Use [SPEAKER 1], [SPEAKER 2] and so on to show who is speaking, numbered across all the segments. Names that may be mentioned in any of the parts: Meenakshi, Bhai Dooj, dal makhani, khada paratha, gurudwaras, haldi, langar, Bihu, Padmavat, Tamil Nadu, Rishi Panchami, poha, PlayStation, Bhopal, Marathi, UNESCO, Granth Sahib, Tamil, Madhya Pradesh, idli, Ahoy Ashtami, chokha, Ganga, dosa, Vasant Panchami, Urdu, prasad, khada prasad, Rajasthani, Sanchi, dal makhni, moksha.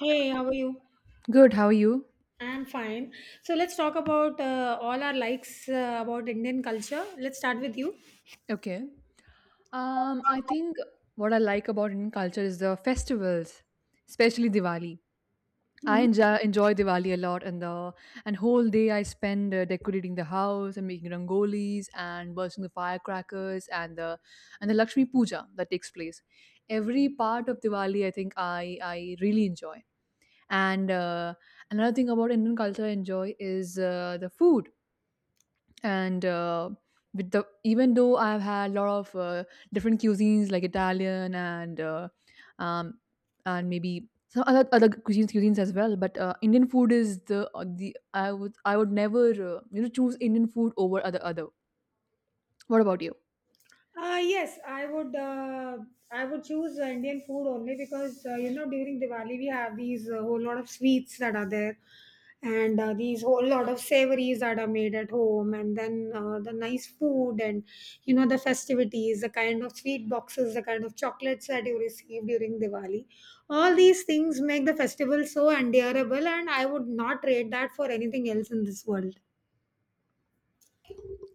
[SPEAKER 1] Hey, how are you?
[SPEAKER 2] Good, how are you?
[SPEAKER 1] I'm fine. So let's talk about all our likes about Indian culture. Let's start with you.
[SPEAKER 2] Okay. I think what I like about Indian culture is the festivals, especially Diwali. I enjoy Diwali a lot, and the and whole day I spend decorating the house and making rangolis and bursting the firecrackers and the Lakshmi Puja that takes place. Every part of Diwali, I think I really enjoy. And Another thing about Indian culture I enjoy is the food and with the even though I've had a lot of different cuisines like Italian um, and maybe some other cuisines as well, but Indian food is the I would never you know choose Indian food over other. What about you?
[SPEAKER 1] Yes, I would. I would choose Indian food only because you know during Diwali we have these whole lot of sweets that are there, and these whole lot of savories that are made at home, and then the nice food and you know the festivities, the kind of sweet boxes, the kind of chocolates that you receive during Diwali. All these things make the festival so endurable, and I would not trade that for anything else in this world.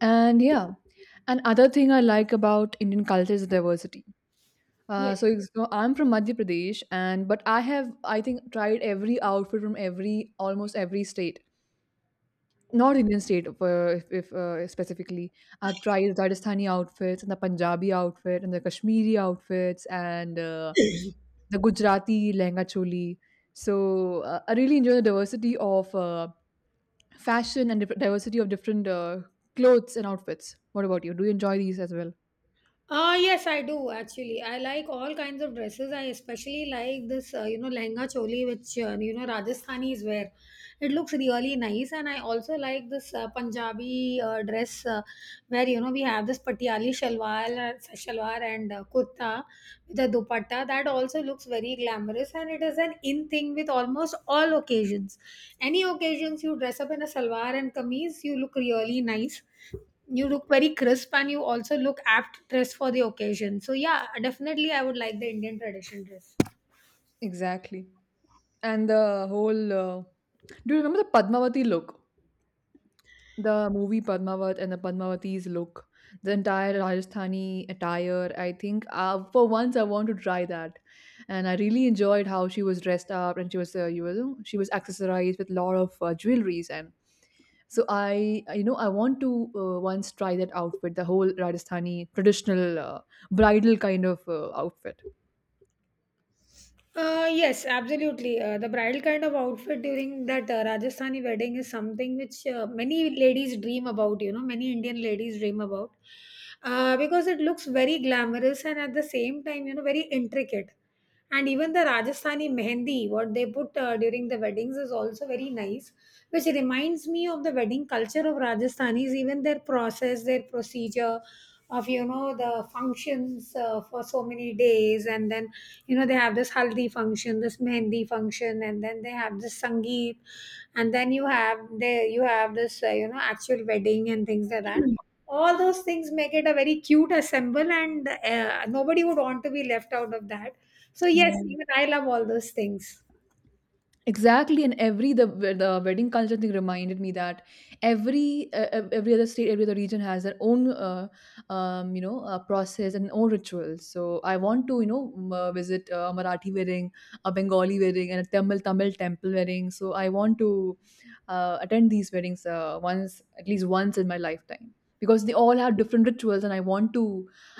[SPEAKER 2] And yeah, another thing I like about Indian culture is diversity. So I'm from Madhya Pradesh, and but I think tried every outfit from every almost every state. North Indian state, if specifically, I've tried Rajasthani outfits and the Punjabi outfit and the Kashmiri outfits and the Gujarati lehenga choli. So I really enjoy the diversity of fashion and diversity of different clothes and outfits. What about you? Do you enjoy these as well?
[SPEAKER 1] Yes, I do actually. I like all kinds of dresses. I especially like this, you know, lehenga choli, which, you know, Rajasthanis wear. It looks really nice. And I also like this Punjabi dress where, you know, we have this patiali shalwar, shalwar and kurta, the dupatta that also looks very glamorous, and it is an in thing with almost all occasions. Any occasions you dress up in a salwar and kameez, you look really nice, you look very crisp, and you also look apt dressed for the occasion. So yeah, definitely I would like the Indian tradition dress.
[SPEAKER 2] Exactly. And the whole. Do you remember the Padmavati look? The movie Padmavat and the Padmavati's look, the entire Rajasthani attire. I think for once I want to try that, and I really enjoyed how she was dressed up and she was you know she was accessorized with a lot of jewelries and so you know I want to once try that outfit, the whole Rajasthani traditional bridal kind of outfit.
[SPEAKER 1] Yes, absolutely. The bridal kind of outfit during that Rajasthani wedding is something which many ladies dream about, you know, many Indian ladies dream about because it looks very glamorous and at the same time, you know, very intricate. And even the Rajasthani mehendi, what they put during the weddings, is also very nice, which reminds me of the wedding culture of Rajasthanis, even their process, their procedure, of you know the functions for so many days. And then you know they have this haldi function, this mehndi function, and then they have this sangeet, and then you have this you know actual wedding and things like that. All those things make it a very cute assemble, and nobody would want to be left out of that. So yes,
[SPEAKER 2] Yeah.
[SPEAKER 1] even I love all those things.
[SPEAKER 2] Exactly, and every the wedding culture thing reminded me that every other state, every other region has their own you know process and own rituals. So I want to you know visit a Marathi wedding, a Bengali wedding, and a Tamil temple wedding. So I want to attend these weddings once at least once in my lifetime because they all have different rituals, and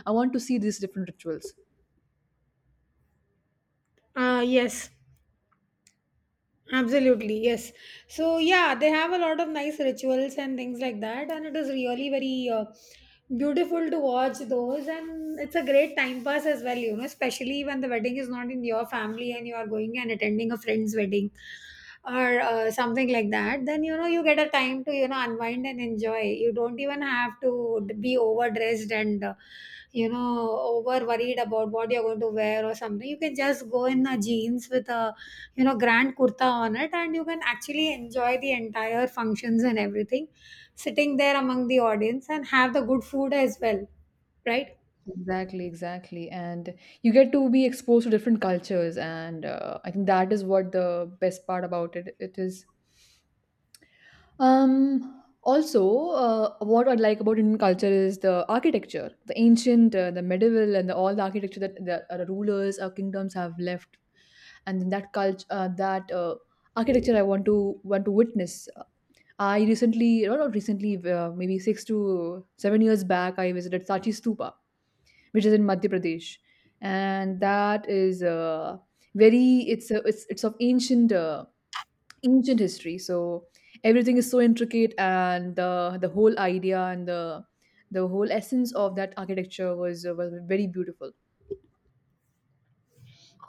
[SPEAKER 2] I want to see these different rituals.
[SPEAKER 1] Yes. Absolutely, yes. So yeah, they have a lot of nice rituals and things like that, and it is really very beautiful to watch those, and it's a great time pass as well. You know, especially when the wedding is not in your family and you are going and attending a friend's wedding or something like that. Then you know you get a time to you know unwind and enjoy. You don't even have to be overdressed and you know over worried about what you're going to wear or something. You can just go in a jeans with a you know grand kurta on it, and you can actually enjoy the entire functions and everything, sitting there among the audience and have the good food as well, right?
[SPEAKER 2] Exactly. And you get to be exposed to different cultures, and I think that is what the best part about it is. Also, what I like about Indian culture is the architecture, the ancient, the medieval, and the, all the architecture that the our rulers, our kingdoms have left, and then that culture, that architecture, I want to witness. I recently, no, not recently, maybe 6 to 7 years back, I visited Sachi Stupa which is in Madhya Pradesh, and that is very it's of ancient history. So everything is so intricate, and the whole idea and the whole essence of that architecture was very beautiful.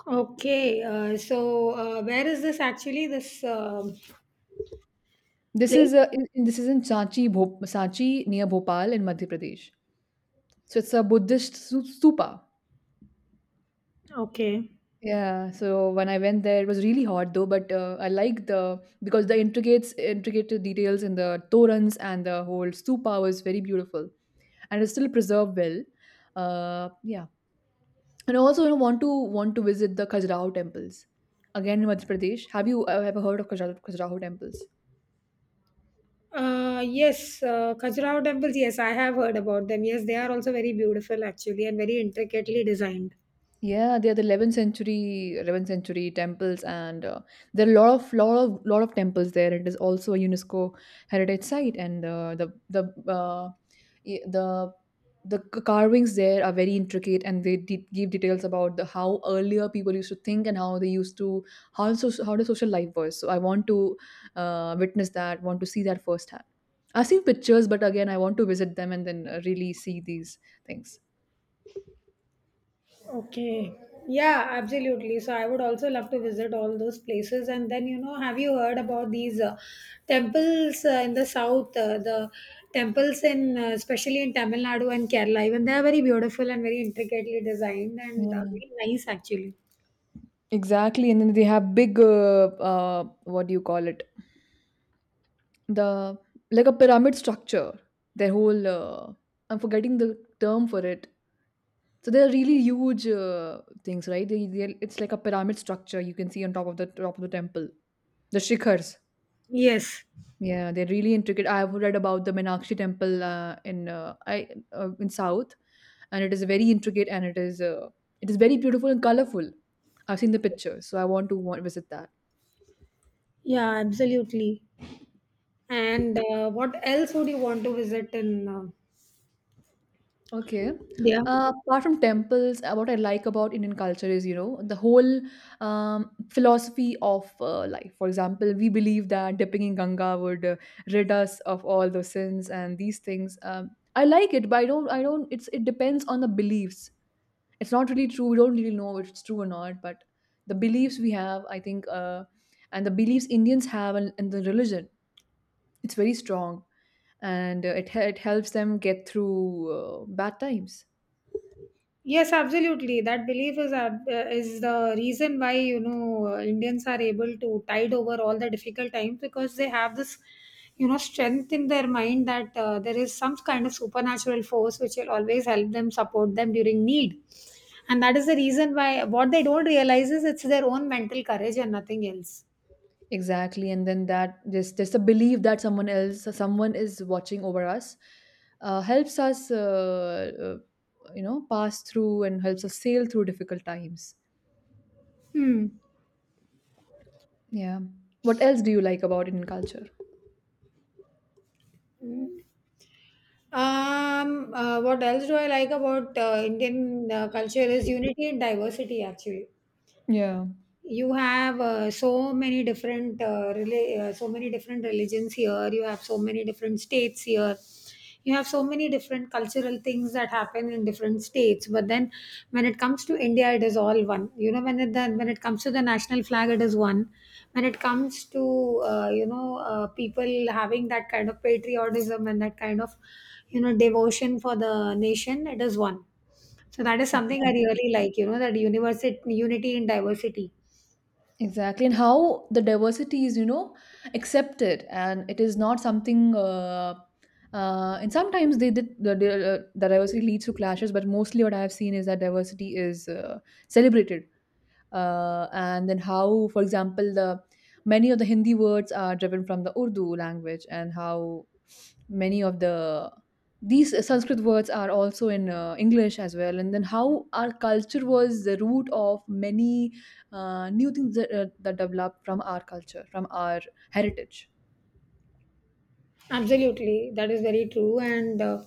[SPEAKER 1] Okay, so where is this actually, this
[SPEAKER 2] This
[SPEAKER 1] place?
[SPEAKER 2] is this is in Sanchi near Bhopal in Madhya Pradesh. So it's a Buddhist stupa.
[SPEAKER 1] Okay,
[SPEAKER 2] Yeah, so when I went there, it was really hot though, but I like the because the intricate details in the torans and the whole stupa was very beautiful and it's still preserved well. Uh, yeah, and also you know, want to visit the Khajuraho temples again in Madhya Pradesh. Have you ever heard of Khajuraho temples?
[SPEAKER 1] yes, Khajuraho temples. Yes, I have heard about them. Yes, they are also very beautiful actually and very intricately designed.
[SPEAKER 2] Yeah, they are the 11th century temples, and there are a lot of temples there. It is also a UNESCO heritage site, and the uh, y- the the c- carvings there are very intricate, and give details about the how earlier people used to think and how they used to how the social life was. So I want to witness that, want to see that firsthand. I've seen pictures, but again, I want to visit them and then really see these things.
[SPEAKER 1] Okay. Yeah, absolutely. So I would also love to visit all those places. And then, you know, have you heard about these temples in the south? The temples in, especially in Tamil Nadu and Kerala, even they are very beautiful and very intricately designed and
[SPEAKER 2] Yeah.
[SPEAKER 1] very nice, actually.
[SPEAKER 2] Exactly, and then they have big, what do you call it? The Like a pyramid structure. Their whole, uh, I'm forgetting the term for it. So they're really huge things, right? They it's like a pyramid structure you can see on top of the temple. The shikhars.
[SPEAKER 1] Yes.
[SPEAKER 2] Yeah, they're really intricate. I've read about the Meenakshi temple in South, and it is very intricate and it is very beautiful and colorful. I've seen the pictures, so I want to visit that.
[SPEAKER 1] Yeah, absolutely. And what else would you want to visit in
[SPEAKER 2] Okay.
[SPEAKER 1] India?
[SPEAKER 2] Apart from temples, what I like about Indian culture is, you know, the whole philosophy of life. For example, we believe that dipping in Ganga would rid us of all those sins and these things. I like it, but I don't. I don't. It depends on the beliefs. It's not really true. We don't really know if it's true or not. But the beliefs we have, I think, and the beliefs Indians have, and the religion it's very strong and it helps them get through bad times.
[SPEAKER 1] Yes, absolutely. That belief is is the reason why you know Indians are able to tide over all the difficult times, because they have this you know strength in their mind that there is some kind of supernatural force which will always help them, support them during need, and that is the reason why what they don't realize is it's their own mental courage and nothing else.
[SPEAKER 2] Exactly. And then that this just the belief that someone is watching over us helps us you know pass through and helps us sail through difficult times.
[SPEAKER 1] Hmm.
[SPEAKER 2] Yeah. What else do you like about Indian culture?
[SPEAKER 1] What else do I like about Indian culture is unity and diversity. Actually,
[SPEAKER 2] Yeah,
[SPEAKER 1] you have so many different so many different religions here, you have so many different states here, you have so many different cultural things that happen in different states. But then when it comes to India, it is all one. You know, when it comes to the national flag, it is one. When it comes to you know people having that kind of patriotism and that kind of you know devotion for the nation, it is one. So that is something I
[SPEAKER 2] exactly.
[SPEAKER 1] really like, you know, that university unity in diversity.
[SPEAKER 2] Exactly, and how the diversity is, you know, accepted, and it is not something. And sometimes the diversity leads to clashes, but mostly what I have seen is that diversity is celebrated. And then how, for example, the many of the Hindi words are driven from the Urdu language, and how many of these Sanskrit words are also in English as well, and then how our culture was the root of many new things that developed from our culture, from our heritage.
[SPEAKER 1] Absolutely, that is very true, and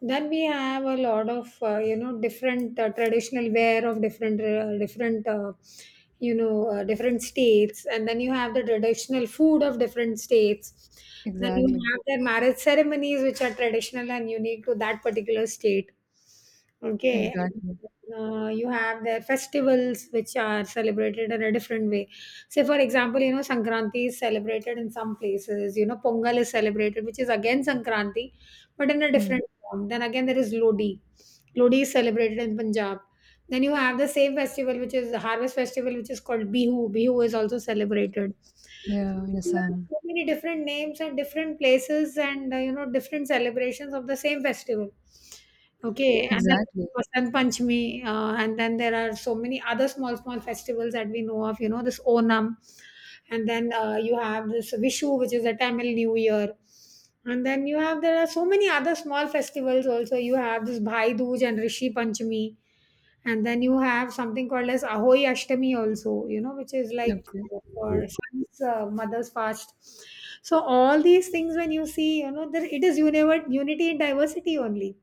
[SPEAKER 1] then we have a lot of you know different traditional wear of different different you know different states, and then you have the traditional food of different states. Then you
[SPEAKER 2] Exactly.
[SPEAKER 1] have their marriage ceremonies, which are traditional and unique to that particular state. Okay,
[SPEAKER 2] Exactly.
[SPEAKER 1] you have their festivals, which are celebrated in a different way. Say, for example, you know, Sankranti is celebrated in some places, you know, Pongal is celebrated, which is again Sankranti, but in a
[SPEAKER 2] Hmm.
[SPEAKER 1] different form. Then again, there is Lodi. Lodi is celebrated in Punjab. Then you have the same festival, which is the harvest festival, which is called Bihu. Bihu is also celebrated.
[SPEAKER 2] Yeah.
[SPEAKER 1] There
[SPEAKER 2] Yes.
[SPEAKER 1] are so many different names and different places, and you know, different celebrations of the same festival. Okay, and then
[SPEAKER 2] Exactly.
[SPEAKER 1] Vasant Panchami, and then there are so many other small, small festivals that we know of, you know, this Onam, and then you have this Vishu, which is the Tamil New Year. And then you have, there are so many other small festivals also. You have this Bhai Dooj and Rishi Panchami. And then you have something called as Ahoy Ashtami also, you know, which is like
[SPEAKER 2] Okay.
[SPEAKER 1] for son's mother's fast. So all these things, when you see, you know, there, it is unity in diversity only.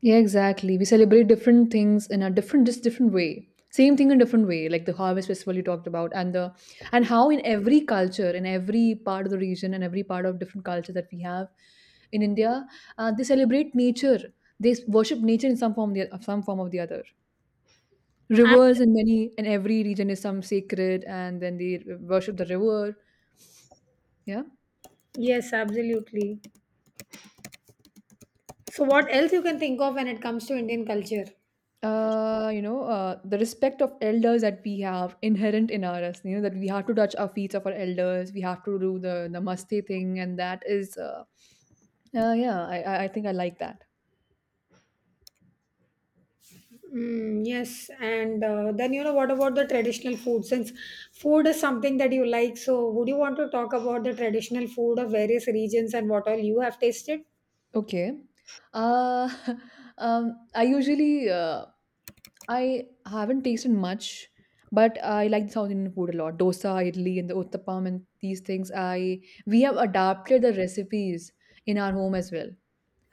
[SPEAKER 2] Yeah, exactly. We celebrate different things in a different, just different way. Same thing in different way, like the harvest festival you talked about, and how in every culture, in every part of the region, and every part of different culture that we have in India, they celebrate nature. They worship nature in some form, the some form of the other.
[SPEAKER 1] Ab-
[SPEAKER 2] Rivers in many in every region is some sacred, and then they worship the river. Yeah.
[SPEAKER 1] Yes, absolutely. So, what else you can think of when it comes to Indian culture?
[SPEAKER 2] The respect of elders that we have inherent in us, you know, that we have to touch our feet of our elders, we have to do the namaste thing, and that is, yeah, I think I like that.
[SPEAKER 1] Mm, yes, and then you know what about the traditional food? Since food is something that you like, so would you want to talk about the traditional food of various regions and what all you have tasted?
[SPEAKER 2] Okay. Uh, I usually, I haven't tasted much, but I like the South Indian food a lot. Dosa, idli, and the uttapam and these things. I we have adapted the recipes in our home as well.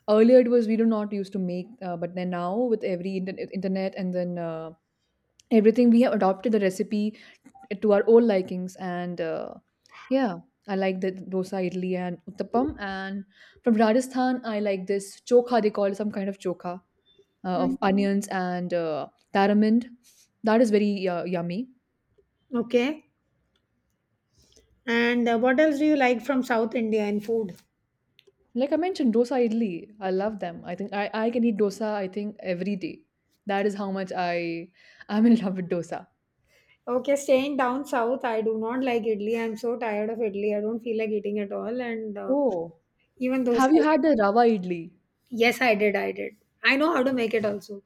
[SPEAKER 2] Earlier it was we do not used to make, but then now with every internet and then everything, we have adopted the recipe to our own likings. And yeah, I like the dosa, idli, and uttapam. And from Rajasthan, I like this chokha. They call some kind of chokha
[SPEAKER 1] Mm.
[SPEAKER 2] of onions and tamarind. That is very yummy.
[SPEAKER 1] Okay, and what else do you like from South India in food?
[SPEAKER 2] Like I mentioned, dosa, idli. I love them. I can eat dosa. I think every day. That is how much I'm in love with dosa.
[SPEAKER 1] Okay, staying down south, I do not like idli. I'm so tired of idli. I don't feel like eating at all. And
[SPEAKER 2] Oh.
[SPEAKER 1] even those,
[SPEAKER 2] Have you had the rava idli?
[SPEAKER 1] yes, I did. I did. I know how to make it also.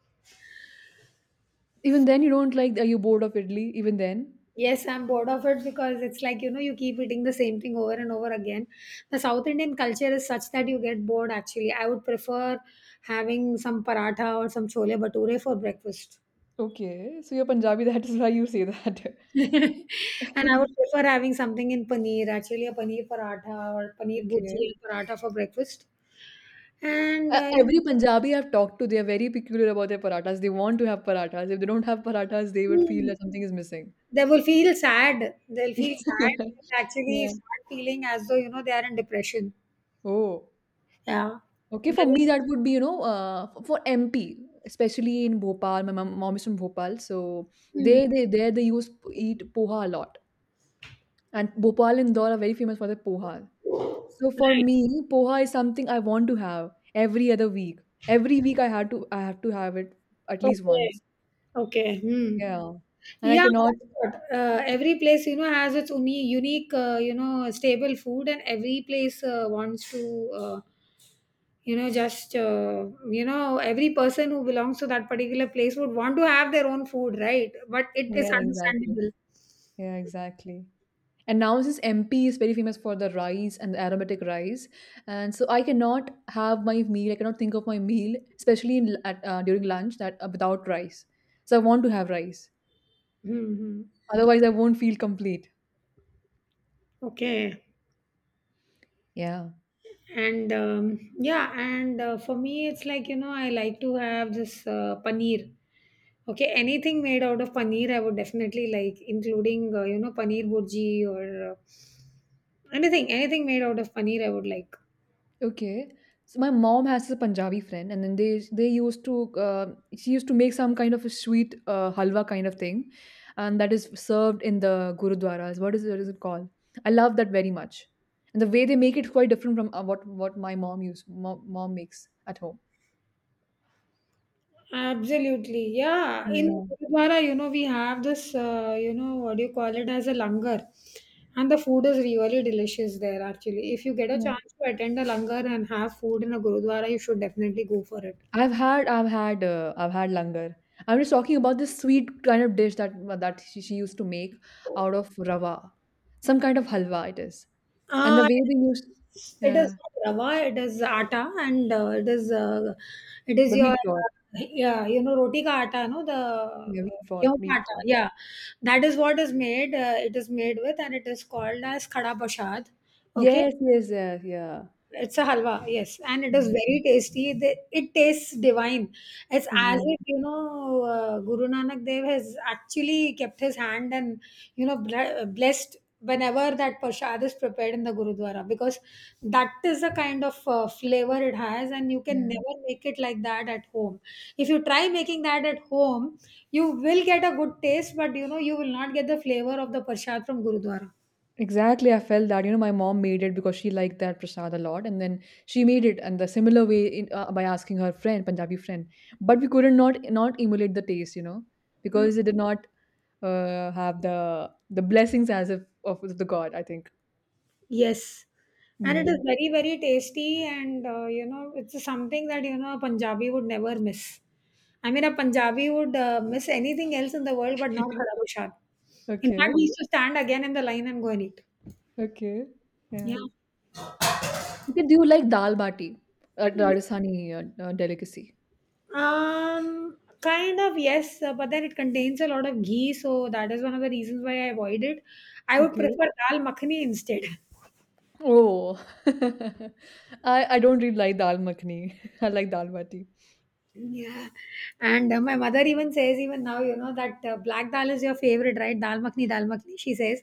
[SPEAKER 2] Even then you don't like are you bored of idli even then?
[SPEAKER 1] Yes, I'm bored of it because it's like, you know, you keep eating the same thing over and over again. The South Indian culture is such that you get bored actually. I would prefer having some paratha or some chole bhature for breakfast.
[SPEAKER 2] Okay. So you're Punjabi, that is why you say that.
[SPEAKER 1] And I would prefer having something in paneer, actually a paneer paratha or paneer bhurji
[SPEAKER 2] Okay.
[SPEAKER 1] and paratha for breakfast. And
[SPEAKER 2] Every Punjabi I've talked to, they are very peculiar about their parathas. They want to have parathas. If they don't have parathas, they would feel
[SPEAKER 1] you-
[SPEAKER 2] that something is missing.
[SPEAKER 1] they will feel sad. They'll feel sad. They'll actually
[SPEAKER 2] Yeah.
[SPEAKER 1] start feeling as though, you know, they are in depression.
[SPEAKER 2] Oh.
[SPEAKER 1] Yeah.
[SPEAKER 2] Okay,
[SPEAKER 1] They
[SPEAKER 2] for me that would be, you know, for MP, especially in Bhopal. Mom is from Bhopal, so
[SPEAKER 1] Hmm.
[SPEAKER 2] they there they use eat poha a lot. And Bhopal and Indore are very famous for the poha. So for me, poha is something I want to have every other week. Every week I had to I have to have it at least once.
[SPEAKER 1] Okay. Hmm.
[SPEAKER 2] Yeah. And I
[SPEAKER 1] Yeah,
[SPEAKER 2] cannot
[SPEAKER 1] that's what. Every place, you know, has its unique, you know, stable food, and every place wants to, you know, just, you know, every person who belongs to that particular place would want to have their own food, right? But it is
[SPEAKER 2] yeah, exactly.
[SPEAKER 1] understandable.
[SPEAKER 2] Yeah, exactly. And now since MP is very famous for the rice and the aromatic rice, and so I cannot have my meal. I cannot think of my meal, especially during lunch, that without rice. So I want to have rice.
[SPEAKER 1] Hmm, hmm.
[SPEAKER 2] Otherwise, I won't feel complete.
[SPEAKER 1] Okay.
[SPEAKER 2] Yeah.
[SPEAKER 1] And yeah, and for me, it's like, you know, I like to have this paneer. Okay, anything made out of paneer, I would definitely like, including you know paneer burji or uh, anything, anything made out of paneer, I would like.
[SPEAKER 2] Okay. So my mom has a Punjabi friend, and then they used to uh, she used to make some kind of a sweet halwa kind of thing, and that is served in the gurudwaras. What is it called? I love that very much, and the way they make it is quite different from what my mom makes at home.
[SPEAKER 1] Absolutely, yeah. In
[SPEAKER 2] Yeah,
[SPEAKER 1] Gurudwara, you know, we have this, you know, what do you call it, as a langar, and the food is really delicious there. Actually, if you get a
[SPEAKER 2] yeah.
[SPEAKER 1] chance to attend a langar and have food in a Gurudwara, you should definitely go for it.
[SPEAKER 2] I've had langar. I'm just talking about this sweet kind of dish that she used to make out of rava, some kind of halwa it is, and the
[SPEAKER 1] Uh,
[SPEAKER 2] way they used.
[SPEAKER 1] it
[SPEAKER 2] Yeah.
[SPEAKER 1] is not rava, it is atta, and it is
[SPEAKER 2] The
[SPEAKER 1] your
[SPEAKER 2] wheat flour.
[SPEAKER 1] yeah, you know roti ka atta, no the
[SPEAKER 2] Yeah, wheat flour,
[SPEAKER 1] गेहूं का
[SPEAKER 2] wheat
[SPEAKER 1] आटा,
[SPEAKER 2] flour.
[SPEAKER 1] yeah, that is what is made. It is made with, and it is called as khada prasad. Okay,
[SPEAKER 2] Yes, yes, yes, yeah.
[SPEAKER 1] it's a halwa, yes, and it is
[SPEAKER 2] Mm,
[SPEAKER 1] very tasty. It tastes divine. It's as if
[SPEAKER 2] exactly.
[SPEAKER 1] you know Guru Nanak Dev has actually kept his hand and you know blessed whenever that prasad is prepared in the Gurudwara, because that is the kind of flavor it has, and you can
[SPEAKER 2] Yeah.
[SPEAKER 1] never make it like that at home. If you try making that at home, you will get a good taste, but you know you will not get the flavor of the prasad from Gurudwara.
[SPEAKER 2] Exactly. I felt that, you know, my mom made it because she liked that prasad a lot. And then she made it and the similar way in, by asking her friend, Punjabi friend. But we couldn't not emulate the taste, you know, because it did not have the blessings as if of the God, I think.
[SPEAKER 1] Yes,
[SPEAKER 2] Hmm,
[SPEAKER 1] and it is
[SPEAKER 2] yeah.
[SPEAKER 1] very, very tasty, and it's something that a Punjabi would never miss. I mean, a Punjabi would miss anything else in the world, but not Kadabu Shad. In fact,
[SPEAKER 2] Okay.
[SPEAKER 1] we used to stand again in the line and go and eat.
[SPEAKER 2] Okay.
[SPEAKER 1] Yeah.
[SPEAKER 2] Yeah. Okay. Do you like dal bati, a Rajasthani delicacy?
[SPEAKER 1] Kind of, yes, but then it contains a lot of ghee, so that is one of the reasons why I avoid it. I would
[SPEAKER 2] Okay.
[SPEAKER 1] prefer dal makhani instead.
[SPEAKER 2] Oh, I don't really like dal makhni. I like dal bati.
[SPEAKER 1] Yeah, and my mother even says, even now, that black dal is your favorite, right? Dal makhni, she says.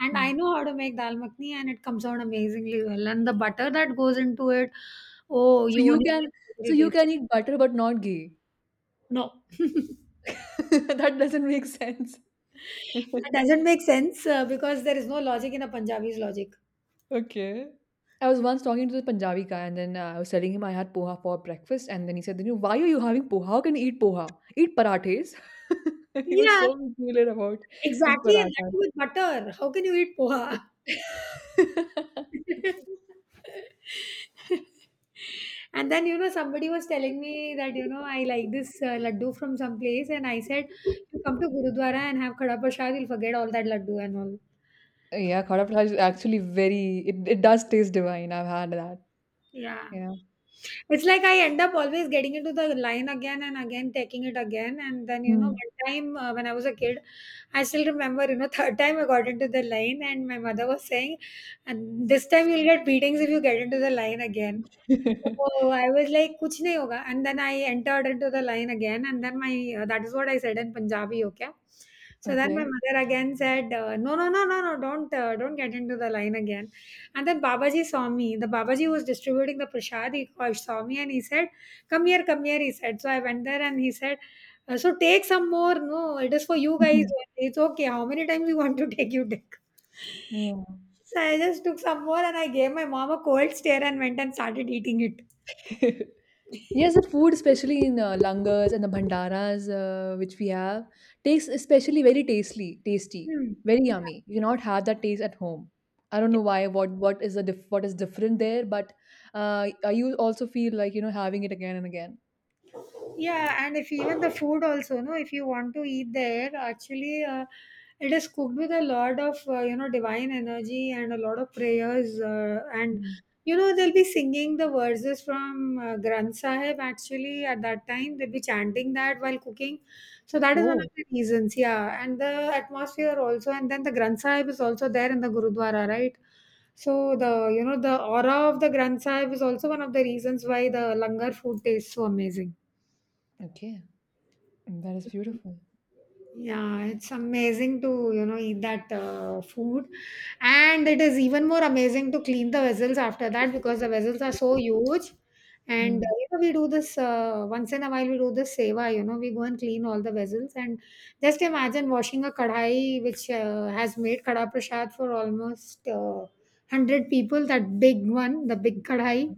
[SPEAKER 1] And I
[SPEAKER 2] Hmm.
[SPEAKER 1] know how to make dal makhni, and it comes out amazingly well. And the butter that goes into it, oh,
[SPEAKER 2] So
[SPEAKER 1] you
[SPEAKER 2] you
[SPEAKER 1] only
[SPEAKER 2] can
[SPEAKER 1] get buttery
[SPEAKER 2] so you
[SPEAKER 1] taste.
[SPEAKER 2] can eat butter but not ghee.
[SPEAKER 1] No, that
[SPEAKER 2] That doesn't make sense.
[SPEAKER 1] doesn't make sense because there is no logic in a Punjabi's logic.
[SPEAKER 2] Okay. I was once talking to this Punjabi guy, and then I was telling him I had poha for breakfast, and then he said, "You know, why are you having poha? How can you eat poha? Eat parathas." He was
[SPEAKER 1] Yeah,
[SPEAKER 2] so peculiar about his
[SPEAKER 1] exactly. And that
[SPEAKER 2] parathas.
[SPEAKER 1] too with butter. How can you eat poha?
[SPEAKER 2] Okay.
[SPEAKER 1] And then, somebody was telling me that, I like this laddu from some place. And I said, you come to Gurudwara and have Khada Prasad, you'll forget all that laddu and all.
[SPEAKER 2] Yeah, khada paratha is actually very. It does taste divine. I've had that.
[SPEAKER 1] Yeah.
[SPEAKER 2] Yeah.
[SPEAKER 1] It's like I end up always getting into the line again and again, taking it again. And then,
[SPEAKER 2] Mm.
[SPEAKER 1] one time when I was a kid, I still remember, third time I got into the line and my mother was saying, and this time you'll get beatings if you get into the line again. So I was like, "Kuch nahi hoga." And then I entered into the line again, and then my that is what I said in Punjabi, okay? So then my
[SPEAKER 2] Okay.
[SPEAKER 1] mother again said, "No, no, no, no, no, don't get into the line again." And then Babaji saw me. The Babaji was distributing the prasad. Saw me and he said, "Come here, come here." He said. So I went there and he said, "So take some more. No, it is for you guys.
[SPEAKER 2] Mhm.
[SPEAKER 1] It's okay. How many times you want to take? You take."
[SPEAKER 2] Yeah.
[SPEAKER 1] So I just took some more and I gave my mom a cold stare and went and started eating it.
[SPEAKER 2] Yes, the food, especially in langars and the bhandaras, which we have, tastes especially very tasty, tasty,
[SPEAKER 1] 嗯，
[SPEAKER 2] very yummy. You cannot have that taste at home. I don't
[SPEAKER 1] 你。
[SPEAKER 2] know why. What is different there? But you also feel like you know having it again and again.
[SPEAKER 1] Yeah, and if even the food also, no, if you want to eat there, actually, it is cooked with a lot of divine energy and a lot of prayers, and
[SPEAKER 2] Mm.
[SPEAKER 1] they'll be singing the verses from Granth Sahib. Actually, at that time they'll be chanting that while cooking, so that is one of
[SPEAKER 2] Oh,
[SPEAKER 1] the reasons. Yeah, and the atmosphere also, and then the Granth Sahib is also there in the Gurudwara, right? So the the aura of the Granth Sahib is also one of the reasons why the langar food tastes so amazing.
[SPEAKER 2] okay. Mm, that is beautiful.
[SPEAKER 1] Yeah, it's amazing to, eat that food. And it is even more amazing to clean the vessels after that because the vessels are so huge. And,
[SPEAKER 2] Mm.
[SPEAKER 1] we do this once in a while, we do this seva, we go and clean all the vessels. And just imagine washing a kadhai which has made kadha prasad for almost 100 people, that big one, the big kadhai.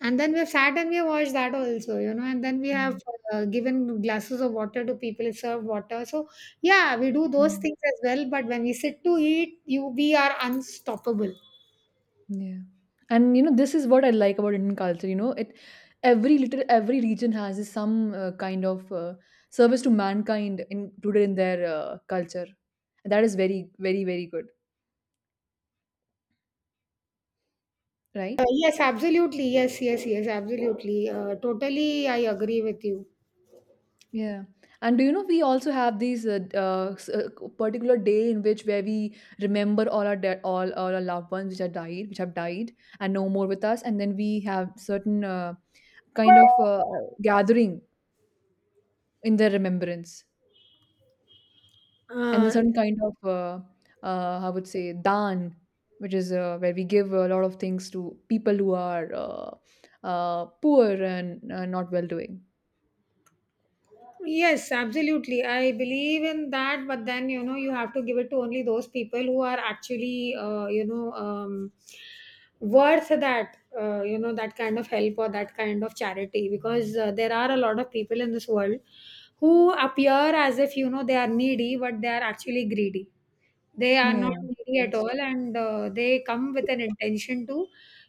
[SPEAKER 1] And then we have sat and we have watched that also, and then we have given glasses of water to people, served water. So, yeah, we do
[SPEAKER 2] Yeah.
[SPEAKER 1] those things as well. But when we sit to eat, you we are unstoppable.
[SPEAKER 2] Yeah. And you know, this is what I like about Indian culture. You know, it every little every region has this some kind of service to mankind included in their culture. That is very, very, very good, right?
[SPEAKER 1] Yes, absolutely. Yes, yes, yes, absolutely. Totally, I agree with you.
[SPEAKER 2] Yeah. And do you know we also have these particular day in which where we remember all all our loved ones which are died, which have died and no more with us, and then we have certain kind of gathering in their remembrance. And a
[SPEAKER 1] Uh,
[SPEAKER 2] certain kind of I would say dan, which is where we give a lot of things to people who are poor and not well doing.
[SPEAKER 1] Yes, absolutely. I believe in that, but then you know you have to give it to only those people who are actually worth that that kind of help or that kind of charity because there are a lot of people in this world who appear as if they are needy but they are actually greedy, they are not
[SPEAKER 2] Yeah,
[SPEAKER 1] needy at
[SPEAKER 2] that's
[SPEAKER 1] all,
[SPEAKER 2] true.
[SPEAKER 1] and they come with an intention to,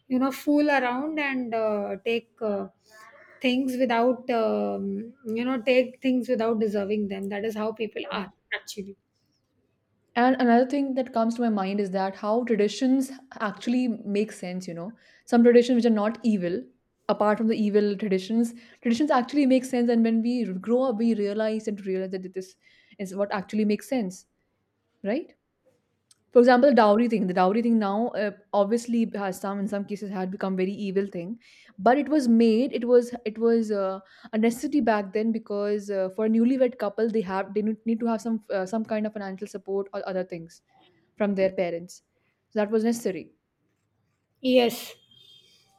[SPEAKER 1] fool around and take things without, take things without deserving them. That is how people
[SPEAKER 2] Yeah.
[SPEAKER 1] are actually.
[SPEAKER 2] And another thing that comes to my mind is that how traditions actually make sense, you know. Some traditions which are not evil, apart from the evil traditions, traditions actually make sense. And when we grow up, we realize and realize that this is what actually makes sense, right? For example, the dowry thing. The dowry thing now obviously has some in some cases had become very evil thing, but it was made. It was a necessity back then because for a newlywed couple they have they need to have some kind of financial support or other things from their parents. So that was necessary.
[SPEAKER 1] Yes.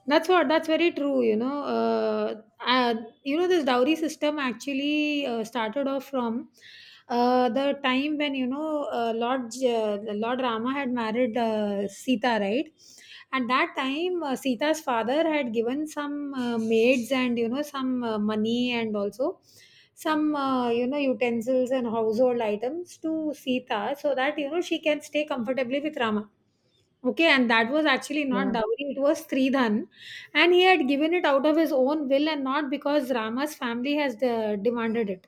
[SPEAKER 1] That's what. That's very true. You know, this dowry system actually started off from the time when Lord Lord Rama had married Sita, right? At that time, Sita's father had given some maids and some money and also some utensils and household items to Sita so that she can stay comfortably with Rama. Okay, and that was actually not
[SPEAKER 2] Yeah.
[SPEAKER 1] dowry, it was Sridhan. And he had given it out of his own will and not because Rama's family has de- demanded it.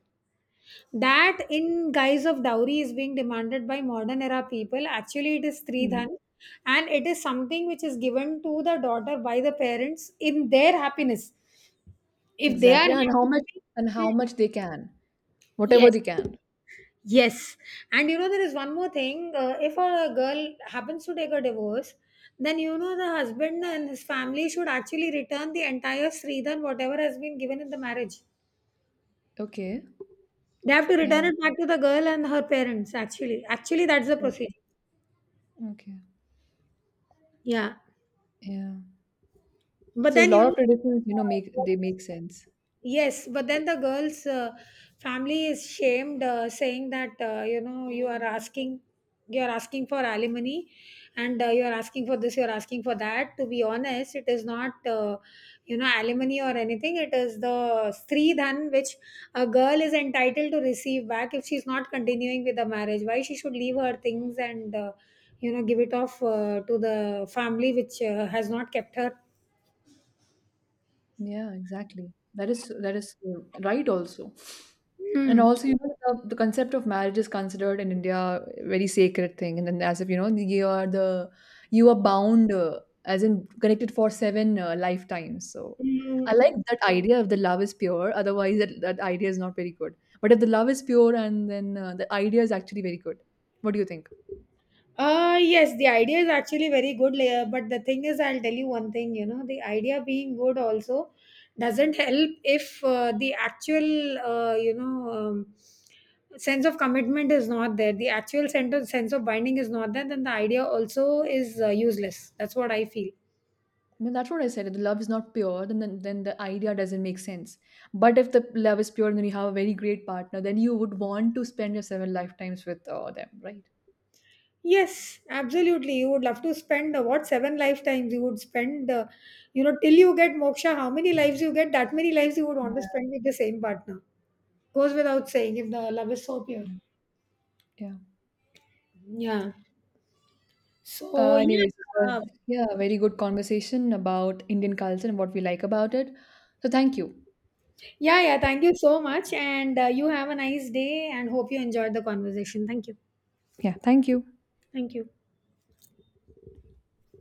[SPEAKER 1] That, in guise of dowry, is being demanded by modern era people. Actually, it is
[SPEAKER 2] Mm.
[SPEAKER 1] Sridhan. And it is something which is given to the daughter by the parents in their happiness. If they are
[SPEAKER 2] Exactly. And how
[SPEAKER 1] happy,
[SPEAKER 2] much and
[SPEAKER 1] Hmm.
[SPEAKER 2] how much they can, whatever
[SPEAKER 1] yes.
[SPEAKER 2] they can.
[SPEAKER 1] Yes. And you know, there is one more thing. If a girl happens to take a divorce, then you know the husband and his family should actually return the entire Sridhan, whatever has been given in the marriage.
[SPEAKER 2] Okay.
[SPEAKER 1] They have to return
[SPEAKER 2] Yeah.
[SPEAKER 1] it back to the girl and her parents, actually. Actually, that's the procedure.
[SPEAKER 2] Okay.
[SPEAKER 1] Yeah.
[SPEAKER 2] Yeah.
[SPEAKER 1] But
[SPEAKER 2] So a
[SPEAKER 1] then,
[SPEAKER 2] lot of traditions, you know, make
[SPEAKER 1] uh,
[SPEAKER 2] they make sense.
[SPEAKER 1] yes, but then the girl's family is shamed, saying that you are asking for alimony, and you are asking for this, you are asking for that. To be honest, it is not alimony or anything. It is the sri dhan which a girl is entitled to receive back if she's not continuing with the marriage. Why she should leave her things and give it off to the family which has not kept her.
[SPEAKER 2] Yeah, exactly. That is right also.
[SPEAKER 1] Hmm.
[SPEAKER 2] And also, you know, the concept of marriage is considered in India a very sacred thing. And then as if, you know, you are the you are bound as in connected for seven lifetimes. So I like that idea if the love is pure. Otherwise, that, that idea is not very good. But if the love is pure and then the idea is actually very good. What do you think?
[SPEAKER 1] Yes, the idea is actually very good, but the thing is, I'll tell you one thing, you know, the idea being good also doesn't help if the actual, sense of commitment is not there, the actual sense of binding is not there, then the idea also is useless. That's what I feel.
[SPEAKER 2] I mean, that's what I said. If the love is not pure, then the idea doesn't make sense. But if the love is pure and then you have a very great partner, then you would want to spend your seven lifetimes with them, right?
[SPEAKER 1] Yes, absolutely. You would love to spend what 7 lifetimes you would spend, till you get moksha, how many lives you get, that many lives you would want to
[SPEAKER 2] Yeah.
[SPEAKER 1] spend with the same partner. Goes without saying if the love is so pure.
[SPEAKER 2] Yeah.
[SPEAKER 1] Yeah. So, yeah.
[SPEAKER 2] Anyways, it was
[SPEAKER 1] uh,
[SPEAKER 2] yeah, a very good conversation about Indian culture and what we like about it. So thank you.
[SPEAKER 1] Yeah, yeah. Thank you so much. And you have a nice day and hope you enjoyed the conversation. Thank you.
[SPEAKER 2] Yeah, thank you.
[SPEAKER 1] Thank you.